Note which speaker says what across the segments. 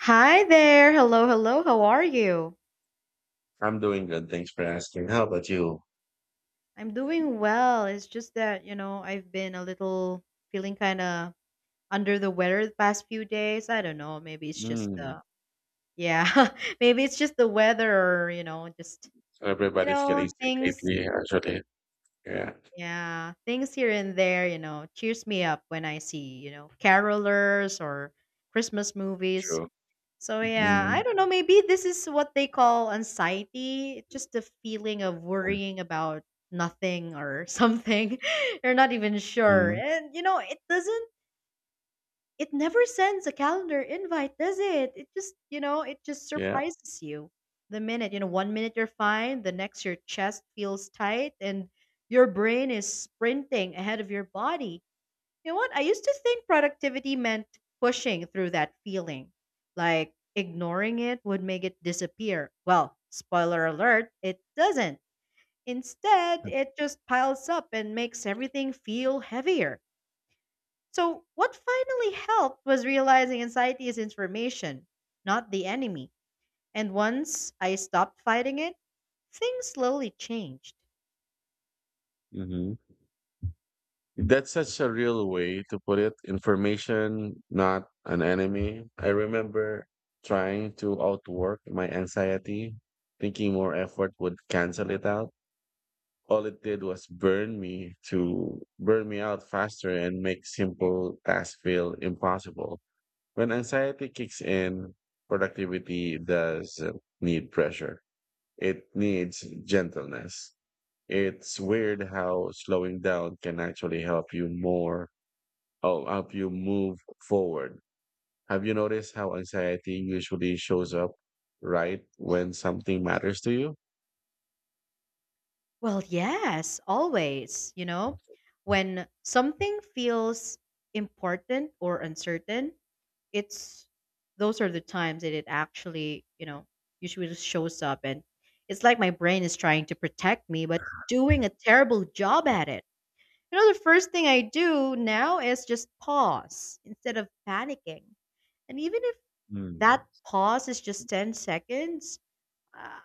Speaker 1: Hi there. Hello, hello. How are you?
Speaker 2: I'm doing good. Thanks for asking. How about you?
Speaker 1: I'm doing well. It's just that, I've been a little feeling kind of under the weather the past few days. I don't know. Maybe it's just
Speaker 2: Mm.
Speaker 1: yeah, maybe it's just the weather or, you know, just,
Speaker 2: So
Speaker 1: you
Speaker 2: everybody's
Speaker 1: know,
Speaker 2: getting sick
Speaker 1: things.
Speaker 2: lately, actually. Yeah,
Speaker 1: Yeah, things here and there, cheers me up when I see, carolers or Christmas movies.
Speaker 2: true.
Speaker 1: So yeah, I
Speaker 2: Mm.
Speaker 1: don't know. Maybe this is what they call anxiety. It's just the feeling of worrying about nothing or something. You're not even sure.
Speaker 2: mm
Speaker 1: And you know, it never sends a calendar invite, does it? It just it just
Speaker 2: Yeah.
Speaker 1: surprises you. The minute, you know, one minute you're fine, the next your chest feels tight and your brain is sprinting ahead of your body. You know what? I used to think productivity meant pushing through that feeling, like ignoring it would make it disappear. Well, spoiler alert, it doesn't. Instead, it just piles up and makes everything feel heavier. So, what finally helped was realizing anxiety is information, not the enemy. And once I stopped fighting it, things slowly changed.
Speaker 2: hmm That's such a real way to put it. Information, not an enemy. I remember trying to outwork my anxiety, thinking more effort would cancel it out. All it did was burn me out faster and make simple tasks feel impossible. When anxiety kicks in, productivity doesn't need pressure. It needs gentleness. It's weird how slowing down can actually help you more, oh, help you move forward. Have you noticed how anxiety usually shows up right when something matters to you?
Speaker 1: Well, yes, always. You know, when something feels important or uncertain, it's those are the times that it actually, usually just shows up. And it's like my brain is trying to protect me, but doing a terrible job at it. You know, the first thing I do now is just pause instead of panicking. And even if that
Speaker 2: Hmm.
Speaker 1: pause is just 10 seconds, uh,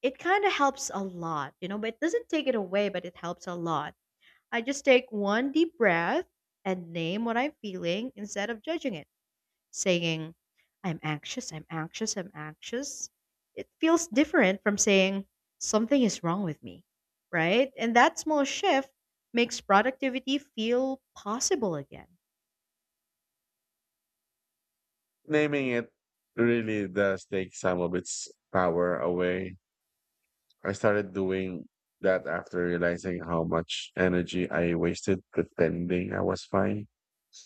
Speaker 1: it kind of helps a lot, you know, but it doesn't take it away, but it helps a lot. I just take one deep breath and name what I'm feeling instead of judging it, saying, I'm anxious, I'm anxious, I'm anxious. It feels different from saying, something is wrong with me, right? And that small shift makes productivity feel possible again.
Speaker 2: Naming it really does take some of its power away. I started doing that after realizing how much energy I wasted pretending I was fine.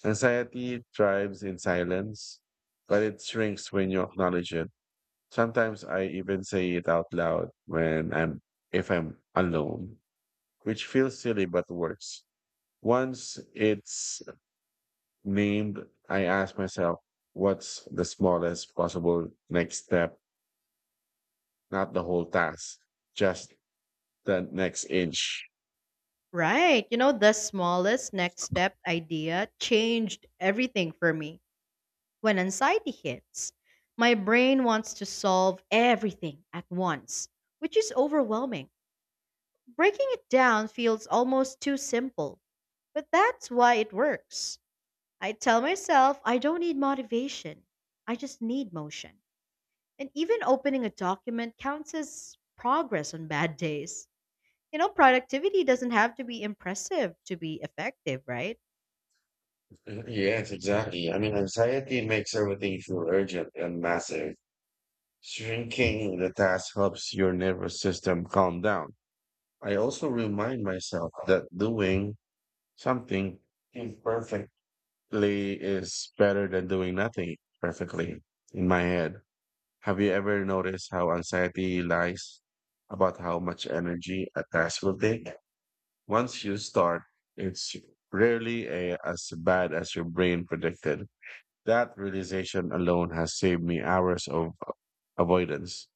Speaker 2: Anxiety thrives in silence, but it shrinks when you acknowledge it. Sometimes I even say it out loud when I'm if I'm alone, which feels silly but works. Once it's named, I ask myself, what's the smallest possible next step? Not the whole task, just the next inch.
Speaker 1: Right. You know, the smallest next step idea changed everything for me. When anxiety hits, my brain wants to solve everything at once, which is overwhelming. Breaking it down feels almost too simple, but that's why it works. I tell myself I don't need motivation, I just need motion. And even opening a document counts as progress on bad days. You know, productivity doesn't have to be impressive to be effective, right?
Speaker 2: Yes, exactly. I mean, anxiety makes everything feel urgent and massive. Shrinking the task helps your nervous system calm down. I also remind myself that doing something imperfectly is better than doing nothing perfectly in my head. Have you ever noticed how anxiety lies about how much energy a task will take? Once you start, it's rarely as bad as your brain predicted. That realization alone has saved me hours of avoidance.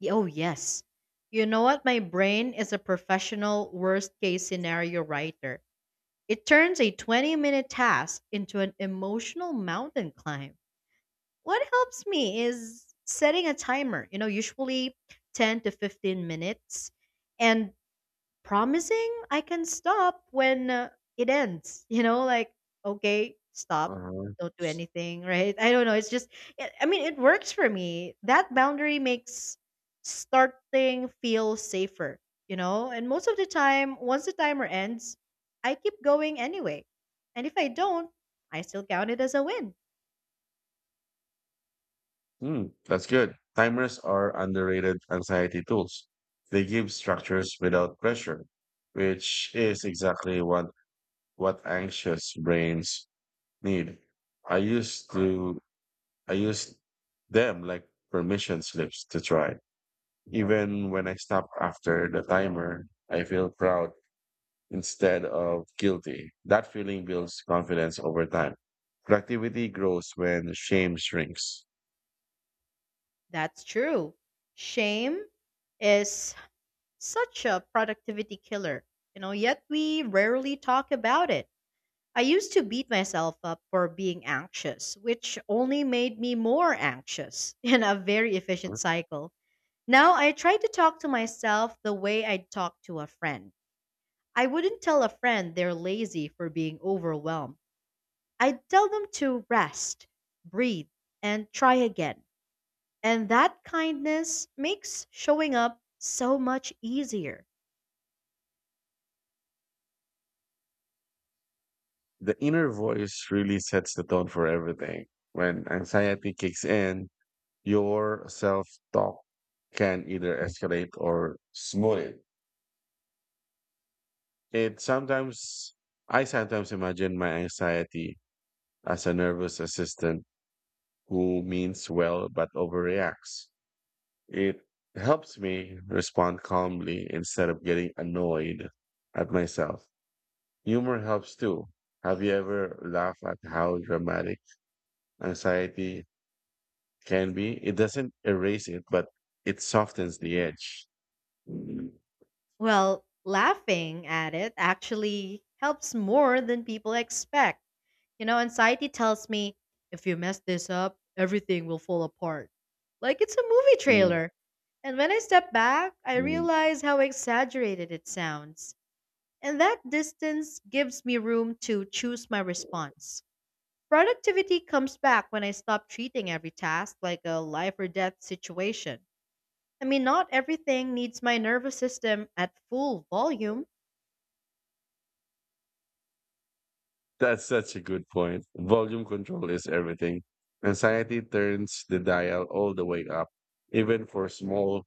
Speaker 1: Oh, yes. You know what? My brain is a professional worst case scenario writer. It turns a 20-minute task into an emotional mountain climb. What helps me is setting a timer, you know, usually 10 to 15 minutes, and promising I can stop when it ends, you know, like, okay, stop,
Speaker 2: Uh-huh.
Speaker 1: don't do anything, right? I don't know. I mean, it works for me. That boundary makes starting feel safer, you know, and most of the time, once the timer ends, I keep going anyway. And if I don't, I still count it as a win.
Speaker 2: Hmm, that's good. Timers are underrated anxiety tools. They give structures without pressure, which is exactly what anxious brains need. I used to I used them like permission slips to try. Even when I stop after the timer, I feel proud instead of guilty. That feeling builds confidence over time. Productivity grows when shame shrinks.
Speaker 1: That's true. Shame is such a productivity killer, you know, yet we rarely talk about it. I used to beat myself up for being anxious, which only made me more anxious in a very efficient cycle. Now I try to talk to myself the way I'd talk to a friend. I wouldn't tell a friend they're lazy for being overwhelmed. I'd tell them to rest, breathe, and try again. And that kindness makes showing up so much easier.
Speaker 2: The inner voice really sets the tone for everything. When anxiety kicks in, your self talk can either escalate or smooth it. It sometimes, I sometimes imagine my anxiety as a nervous assistant who means well but overreacts. It helps me respond calmly instead of getting annoyed at myself. Humor helps too. Have you ever laughed at how dramatic anxiety can be? It doesn't erase it, but it softens the edge. Mm,
Speaker 1: Well, laughing at it actually helps more than people expect. You know, anxiety tells me if you mess this up, everything will fall apart. Like it's a movie trailer. And when I step back, I
Speaker 2: mm.
Speaker 1: realize how exaggerated it sounds. And that distance gives me room to choose my response. Productivity comes back when I stop treating every task like a life or death situation. I mean, not everything needs my nervous system at full volume.
Speaker 2: That's such a good point. Volume control is everything. Anxiety turns the dial all the way up, even for small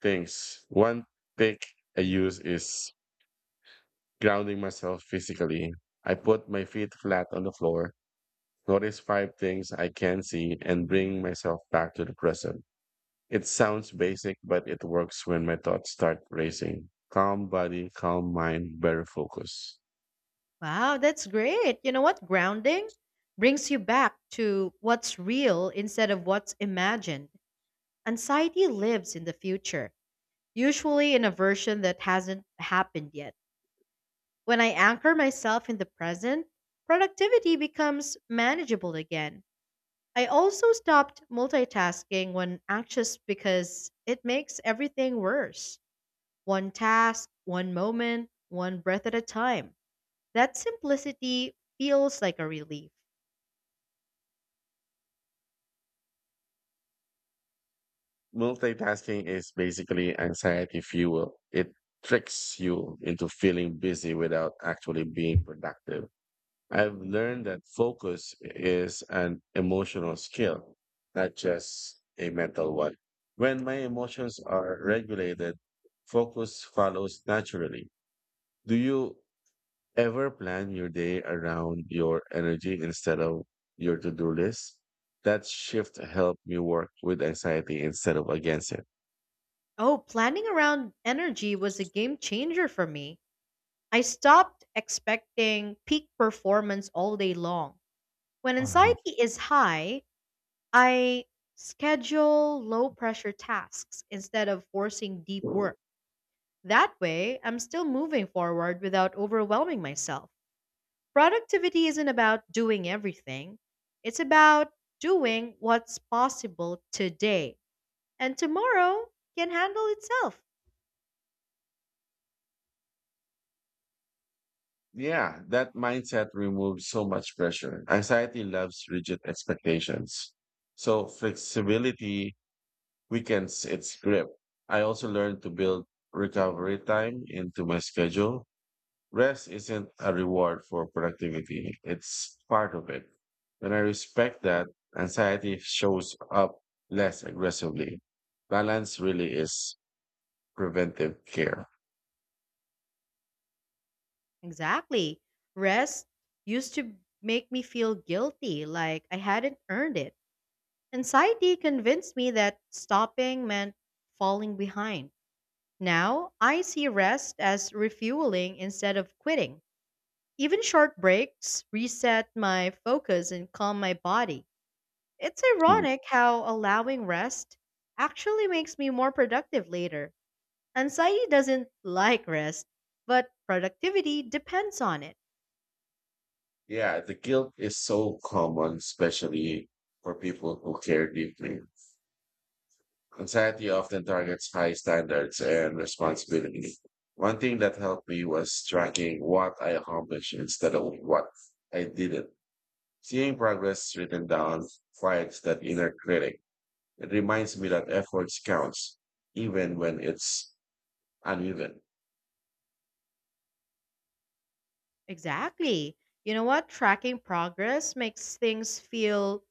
Speaker 2: things. One pick I use is grounding myself physically. I put my feet flat on the floor, notice five things I can see, and bring myself back to the present. It sounds basic, but it works when my thoughts start racing. Calm body, calm mind, better focus.
Speaker 1: Wow, that's great. You know what? Grounding brings you back to what's real instead of what's imagined. Anxiety lives in the future, usually in a version that hasn't happened yet. When I anchor myself in the present, productivity becomes manageable again. I also stopped multitasking when anxious because it makes everything worse. One task, one moment, one breath at a time. That simplicity feels like a relief.
Speaker 2: Multitasking is basically anxiety fuel. It tricks you into feeling busy without actually being productive. I've learned that focus is an emotional skill, not just a mental one. When my emotions are regulated, focus follows naturally. Do you ever plan your day around your energy instead of your to do list? That shift helped me work with anxiety instead of against it.
Speaker 1: Oh, planning around energy was a game changer for me. I stopped expecting peak performance all day long. When
Speaker 2: Um,
Speaker 1: anxiety is high, I schedule low pressure tasks instead of forcing deep work. That way, I'm still moving forward without overwhelming myself. Productivity isn't about doing everything, it's about doing what's possible today. And tomorrow can handle itself.
Speaker 2: yeah, that mindset removes so much pressure. Anxiety loves rigid expectations. So flexibility weekends its grip. I also learned to build recovery time into my schedule. Rest isn't a reward for productivity, it's part of it. When I respect that, anxiety shows up less aggressively. Balance really is preventive care.
Speaker 1: Exactly. Rest used to make me feel guilty, like I hadn't earned it. Anxiety convinced me that stopping meant falling behind. Now, I see rest as refueling instead of quitting. Even short breaks reset my focus and calm my body. It's
Speaker 2: Mm.
Speaker 1: ironic how allowing rest actually makes me more productive later. Anxiety doesn't like rest, but productivity depends on it.
Speaker 2: Yeah, the guilt is so common, especially for people who care deeply. Anxiety often targets high standards and responsibility. One thing that helped me was tracking what I accomplished instead of what I didn't. Seeing progress written down quiets that inner critic. It reminds me that efforts counts, even when it's uneven.
Speaker 1: Exactly. You know what? Tracking progress makes things feel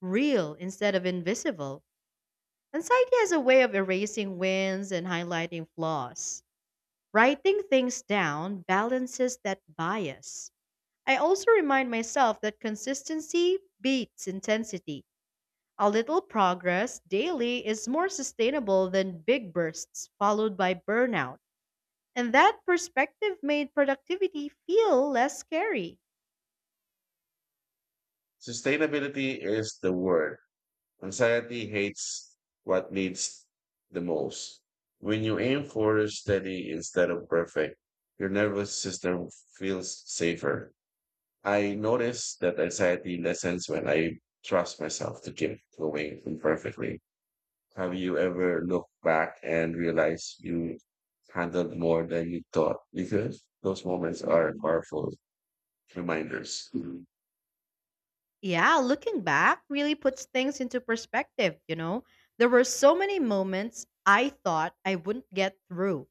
Speaker 1: real instead of invisible. Anxiety has a way of erasing wins and highlighting flaws. Writing things down balances that bias. I also remind myself that consistency beats intensity. A little progress daily is more sustainable than big bursts followed by burnout. And that perspective made productivity feel less scary.
Speaker 2: Sustainability is the word. Anxiety hates what needs the most. When you aim for steady instead of perfect, your nervous system feels safer. I notice that anxiety lessens when I trust myself to keep going imperfectly. Have you ever looked back and realized you handled more than you thought? Because those moments are powerful reminders. Mhm.
Speaker 1: Yeah, looking back really puts things into perspective, you know? There were so many moments I thought I wouldn't get through,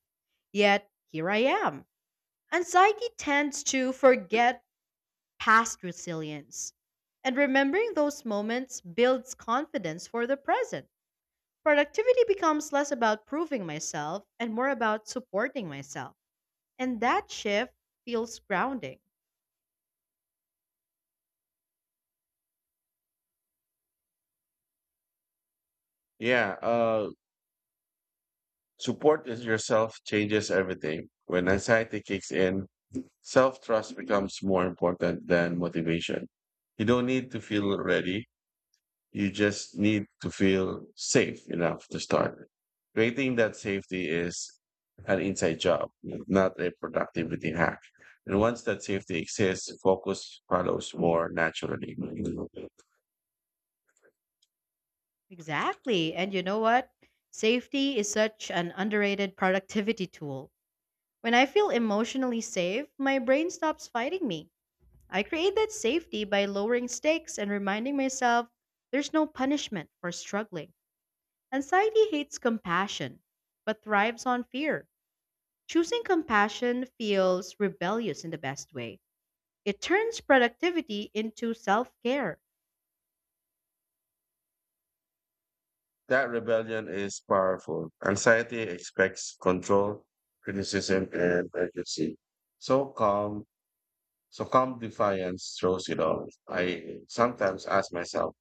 Speaker 1: yet here I am. And psyche tends to forget past resilience. And remembering those moments builds confidence for the present. Productivity becomes less about proving myself and more about supporting myself. And that shift feels grounding.
Speaker 2: Yeah, support is yourself changes everything. When anxiety kicks in, self trust becomes more important than motivation. You don't need to feel ready. You just need to feel safe enough to start. Creating that safety is an inside job, not a productivity hack. And once that safety exists, focus follows more naturally.
Speaker 1: Exactly. And you know what? Safety is such an underrated productivity tool. When I feel emotionally safe, my brain stops fighting me. I create that safety by lowering stakes and reminding myself there's no punishment for struggling. Anxiety hates compassion, but thrives on fear. Choosing compassion feels rebellious in the best way. It turns productivity into self care.
Speaker 2: That rebellion is powerful. Anxiety expects control, criticism, and urgency. So calm So calm defiance throws it off. I sometimes ask myself,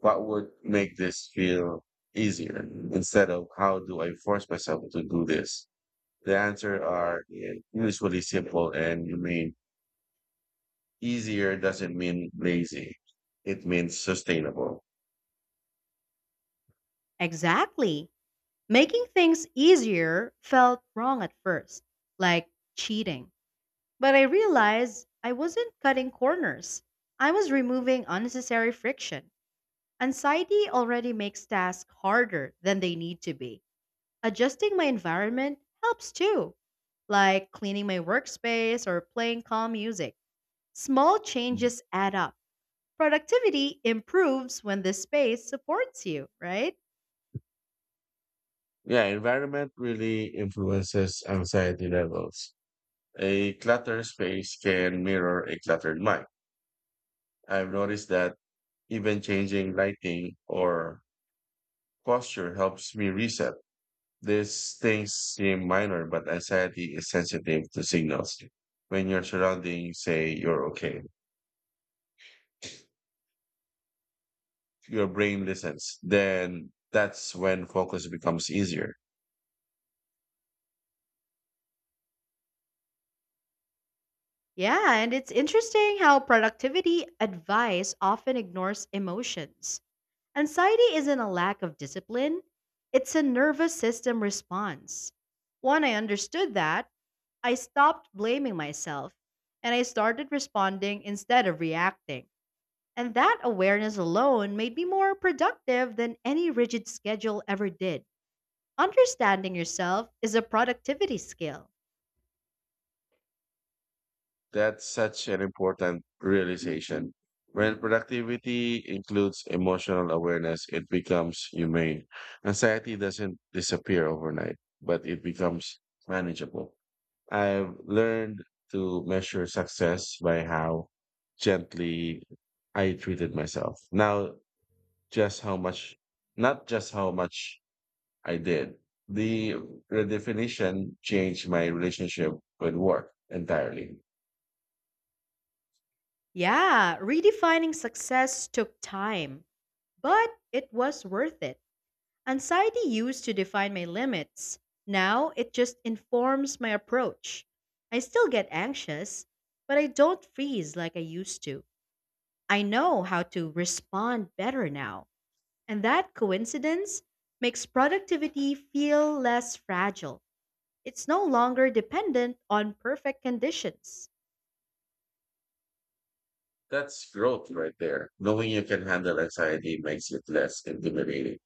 Speaker 2: what would make this feel easier instead of how do I force myself to do this? The answer are usually simple and you mean easier doesn't mean lazy. It means sustainable.
Speaker 1: Exactly. Making things easier felt wrong at first, like cheating. But I realized I wasn't cutting corners, I was removing unnecessary friction. Anxiety already makes tasks harder than they need to be. Adjusting my environment helps too, like cleaning my workspace or playing calm music. Small
Speaker 2: Mm.
Speaker 1: changes add up. Productivity improves when the space supports you, right?
Speaker 2: Yeah, environment really influences anxiety levels. A cluttered space can mirror a cluttered mind. I've noticed that even changing lighting or posture helps me reset. These things seem minor, but anxiety is sensitive to signals. When your surroundings say you're okay, your brain listens. Then that's when focus becomes easier.
Speaker 1: Yeah, and it's interesting how productivity advice often ignores emotions. Anxiety isn't a lack of discipline, it's a nervous system response. When I understood that, I stopped blaming myself and I started responding instead of reacting. And that awareness alone made me more productive than any rigid schedule ever did. Understanding yourself is a productivity skill.
Speaker 2: That's such an important realization. When productivity includes emotional awareness, it becomes humane. Anxiety doesn't disappear overnight, but it becomes manageable. I've learned to measure success by how gently I treated myself. Now, just how much, not just how much I did. The redefinition changed my relationship with work entirely.
Speaker 1: Yeah, redefining success took time, but it was worth it. Anxiety used to define my limits. Now it just informs my approach. I still get anxious, but I don't freeze like I used to. I know how to respond better now. And that coincidence makes productivity feel less fragile. It's no longer dependent on perfect conditions.
Speaker 2: That's growth right there. Knowing you can handle anxiety makes it less intimidating.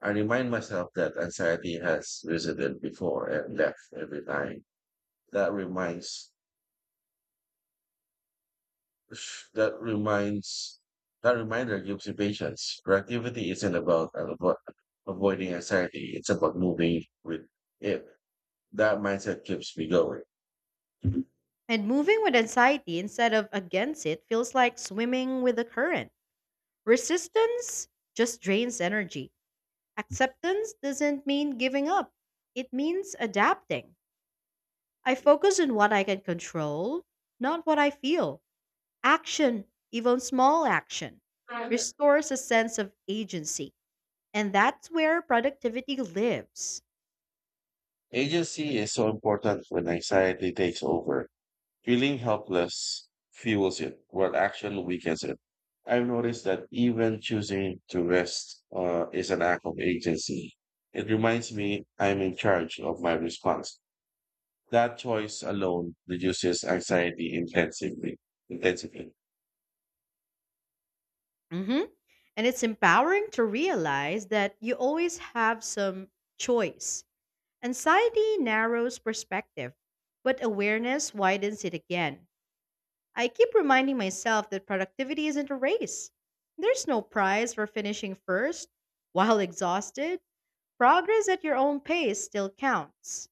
Speaker 2: I remind myself that anxiety has visited before and left every time. That reminds Sh- That reminds That reminder gives you patience. Productivity isn't about avoiding anxiety; it's about moving with it. That mindset keeps me going.
Speaker 1: And moving with anxiety instead of against it feels like swimming with the current. Resistance just drains energy. Acceptance doesn't mean giving up, it means adapting. I focus on what I can control, not what I feel. Action, even small action, restores a sense of agency. And that's where productivity lives.
Speaker 2: Agency is so important when anxiety takes over. Feeling helpless fuels it, while action weakens it. I've noticed that even choosing to rest is an act of agency. It reminds me I'm in charge of my response. That choice alone reduces anxiety intensively. Intensively.
Speaker 1: Mhm. And it's empowering to realize that you always have some choice. Anxiety narrows perspective, but awareness widens it again. I keep reminding myself that productivity isn't a race. There's no prize for finishing first. While exhausted, progress at your own pace still counts.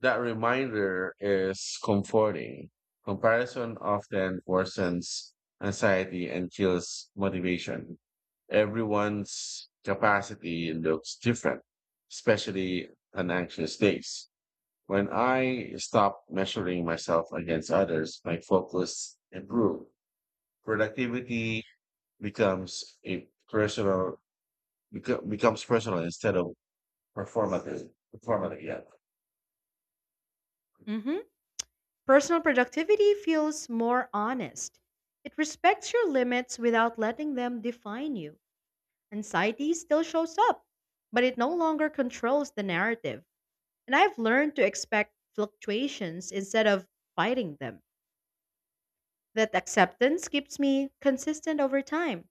Speaker 2: That reminder is comforting. Comparison often worsens anxiety and kills motivation. Everyone's capacity looks different, especially on anxious days. When I stop measuring myself against others, my focus improves. Productivity becomes a personal becomes personal instead of performative. Performative, yeah.
Speaker 1: Mhm. Personal productivity feels more honest. It respects your limits without letting them define you. Anxiety still shows up, but it no longer controls the narrative. And I've learned to expect fluctuations instead of fighting them. That acceptance keeps me consistent over time,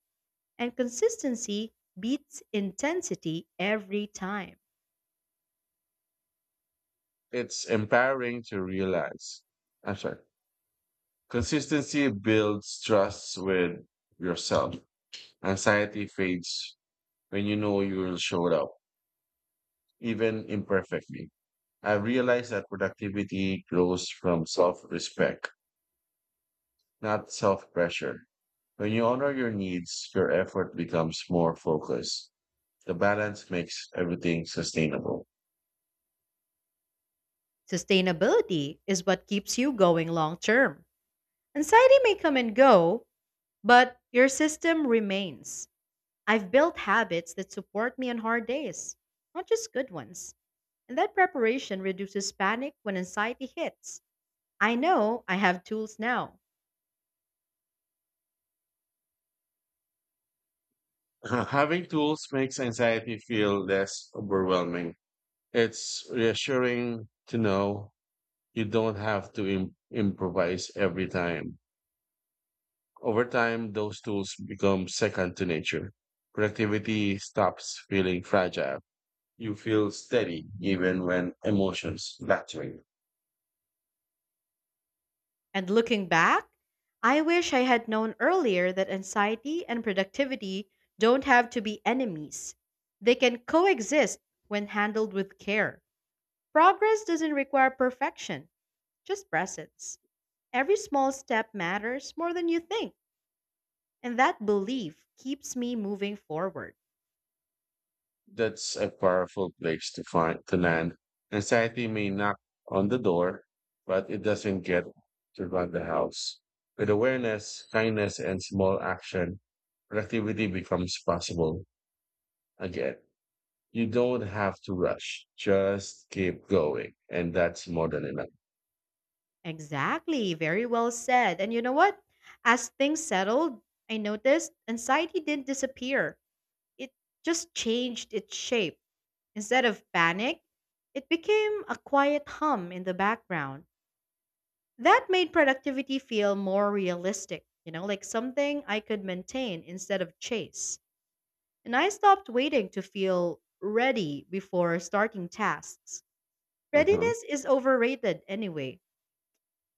Speaker 1: and consistency beats intensity every time.
Speaker 2: It's empowering to realize. I'm sorry. Consistency builds trust with yourself. Anxiety fades when you know you will show up, even imperfectly. I realized that productivity grows from self respect, not self pressure. When you honor your needs, your effort becomes more focused. The balance makes everything sustainable.
Speaker 1: Sustainability is what keeps you going long term. Anxiety may come and go, but your system remains. I've built habits that support me on hard days, not just good ones. And that preparation reduces panic when anxiety hits. I know I have tools now.
Speaker 2: Having tools makes anxiety feel less overwhelming. It's reassuring to know you don't have to improvise every time. Over time, those tools become second to nature. Productivity stops feeling fragile. You feel steady even when emotions fluctuate.
Speaker 1: And looking back, I wish I had known earlier that anxiety and productivity don't have to be enemies. They can coexist when handled with care. Progress doesn't require perfection, just presence. Every small step matters more than you think. And that belief keeps me moving forward.
Speaker 2: That's a powerful place to find to land. Anxiety may knock on the door, but it doesn't get to run the house. With awareness, kindness, and small action, productivity becomes possible again. You don't have to rush. Just keep going. And that's more than enough.
Speaker 1: Exactly. Very well said. And you know what? As things settled, I noticed anxiety didn't disappear. It just changed its shape. Instead of panic, it became a quiet hum in the background. That made productivity feel more realistic, you know, like something I could maintain instead of chase. And I stopped waiting to feel ready before starting tasks.
Speaker 2: Mhm.
Speaker 1: Readiness is overrated anyway.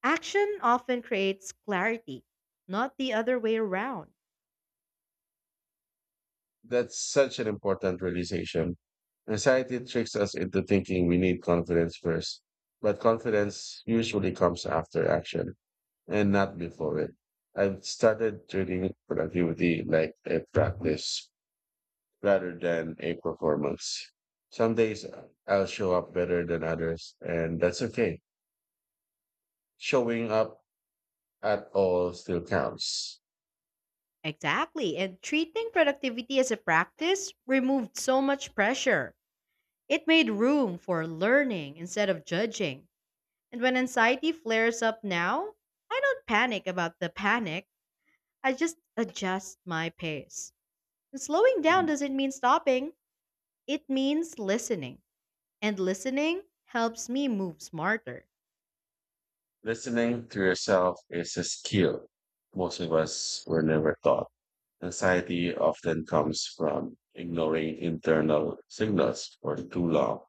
Speaker 1: Action often creates clarity, not the other way around.
Speaker 2: That's such an important realization. Anxiety tricks us into thinking we need confidence first, but confidence usually comes after action and not before it. I've started treating productivity like a practice rather than a performance. Some days I'll show up better than others, and that's okay. Showing up at all still counts.
Speaker 1: Exactly. And treating productivity as a practice removed so much pressure. It made room for learning instead of judging. And when anxiety flares up now, I don't panic about the panic. I just adjust my pace. And slowing down doesn't mean stopping, it means listening. And listening helps me move smarter.
Speaker 2: Listening to yourself is a skill most of us were never taught. Anxiety often comes from ignoring internal signals for too long.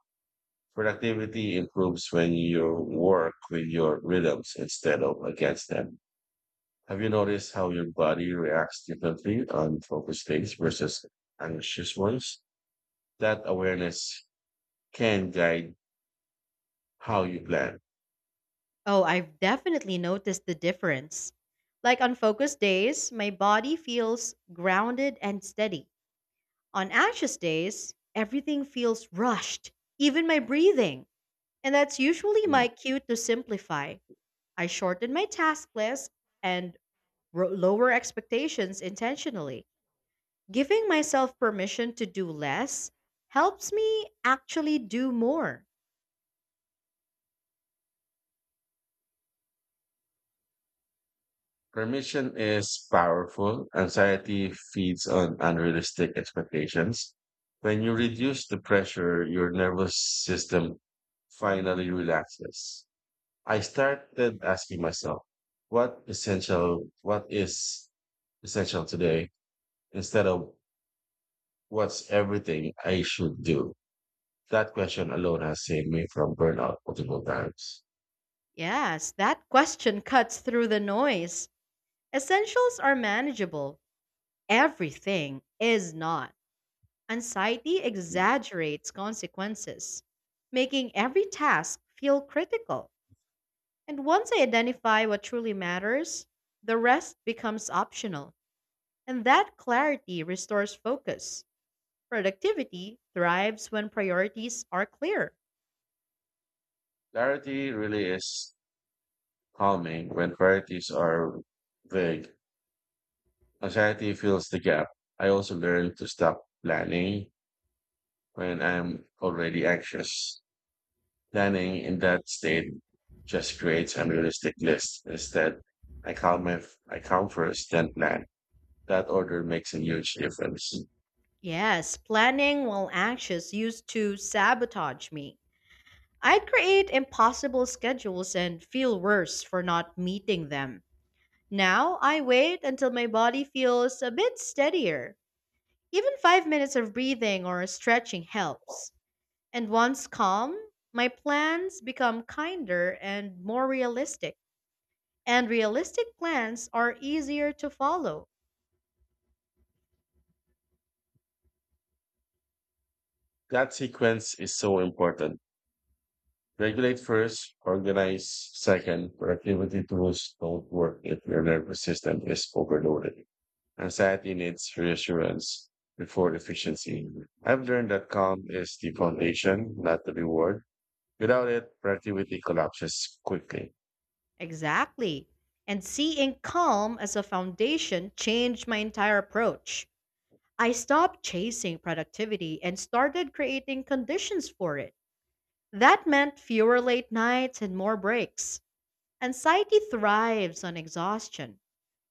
Speaker 2: Productivity improves when you work with your rhythms instead of against them. Have you noticed how your body reacts differently on focused days versus anxious ones? That awareness can guide how you plan.
Speaker 1: Oh, I've definitely noticed the difference. Like on focused days, my body feels grounded and steady. On anxious days, everything feels rushed, even my breathing. And that's usually my cue to simplify. I shorten my task list and lower expectations intentionally. Giving myself permission to do less helps me actually do more.
Speaker 2: Permission is powerful. Anxiety feeds on unrealistic expectations. When you reduce the pressure, your nervous system finally relaxes. I started asking myself, what is essential today instead of what's everything I should do? That question alone has saved me from burnout multiple times.
Speaker 1: Yes, that question cuts through the noise. Essentials are manageable. Everything is not. Anxiety exaggerates consequences, making every task feel critical. And once I identify what truly matters, the rest becomes optional. And that clarity restores focus. Productivity thrives when priorities are clear.
Speaker 2: Clarity really is calming when priorities are vague. Anxiety fills the gap. I also learned to stop planning when I'm already anxious. Planning in that state just creates unrealistic lists. Instead, I count my I count first, then plan. That order makes a huge difference.
Speaker 1: Yes, planning while anxious used to sabotage me. I'd create impossible schedules and feel worse for not meeting them. Now I wait until my body feels a bit steadier. Even 5 minutes of breathing or stretching helps. And once calm, my plans become kinder and more realistic. And realistic plans are easier to follow.
Speaker 2: That sequence is so important. Regulate first, organize second. Productivity tools don't work if your nervous system is overloaded. Anxiety needs reassurance before efficiency. I've learned that calm is the foundation, not the reward. Without it, productivity collapses quickly.
Speaker 1: Exactly. And seeing calm as a foundation changed my entire approach. I stopped chasing productivity and started creating conditions for it. That meant fewer late nights and more breaks. Anxiety thrives on exhaustion,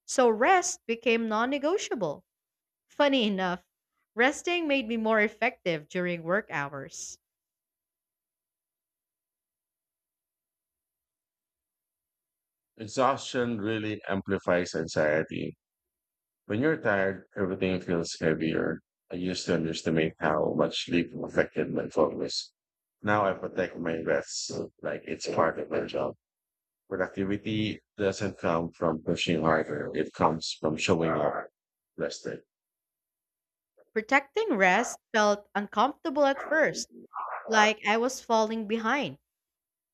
Speaker 1: so rest became non negotiable. Funny enough, resting made me more effective during work hours.
Speaker 2: Exhaustion really amplifies anxiety. When you're tired, everything feels heavier. I used to underestimate how much sleep affected my focus. Now I protect my rest like it's part of my job. Productivity doesn't come from pushing harder. It comes from showing up rested.
Speaker 1: Protecting rest felt uncomfortable at first, like I was falling behind.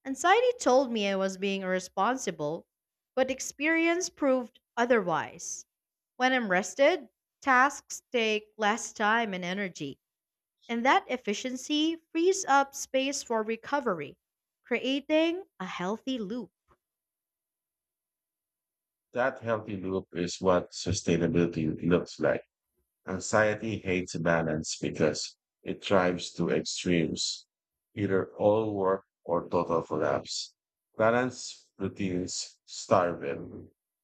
Speaker 1: Anxiety told me I was being irresponsible, but experience proved otherwise. When I'm rested, tasks take less time and energy, and that efficiency frees up space for recovery, creating a healthy loop.
Speaker 2: That healthy loop is what sustainability looks like. Anxiety hates balance because it drives to extremes, either all work or total collapse. Balance routines starve it.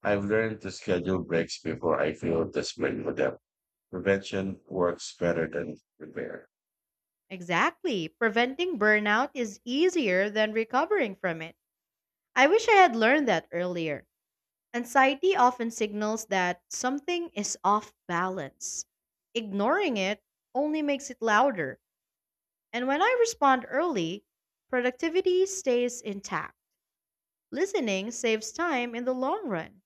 Speaker 2: I've learned to schedule breaks before I feel desperate for them. Prevention works better than repair.
Speaker 1: Exactly. Preventing burnout is easier than recovering from it. I wish I had learned that earlier. Anxiety often signals that something is off balance. Ignoring it only makes it louder. And when I respond early, productivity stays intact. Listening saves time in the long run.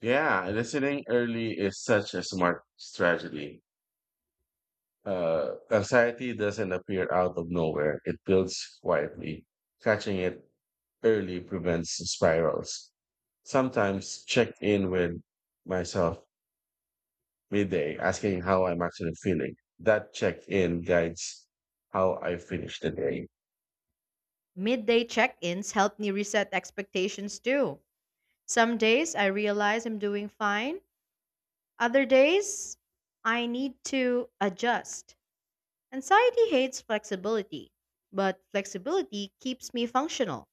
Speaker 2: Yeah, listening early is such a smart strategy. Anxiety doesn't appear out of nowhere, it builds quietly. Catching it early prevents spirals. Sometimes check in with myself midday, asking how I'm actually feeling. That check in guides how I finish the day.
Speaker 1: Midday check ins help me reset expectations too. Some days I realize I'm doing fine, other days I need to adjust. Anxiety hates flexibility, but flexibility keeps me functional.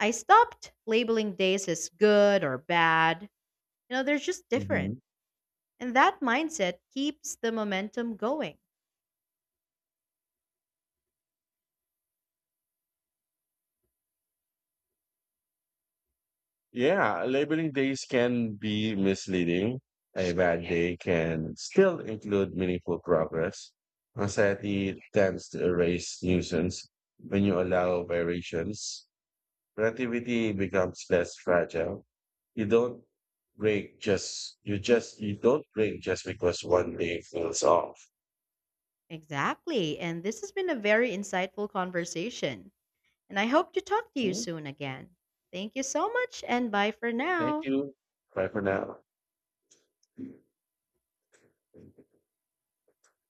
Speaker 1: I stopped labeling days as good or bad. You know, they're just different.
Speaker 2: Mhm.
Speaker 1: And that mindset keeps the momentum going.
Speaker 2: Yeah, labeling days can be misleading. A bad day can still include meaningful progress. Anxiety tends to erase nuisance. When you allow variations, productivity becomes less fragile. You don't you don't break just because one day feels off.
Speaker 1: Exactly. And this has been a very insightful conversation. And I hope to talk to you
Speaker 2: Mm.
Speaker 1: soon again. Thank you so much and bye for
Speaker 2: Thank
Speaker 1: now.
Speaker 2: you. Bye for now.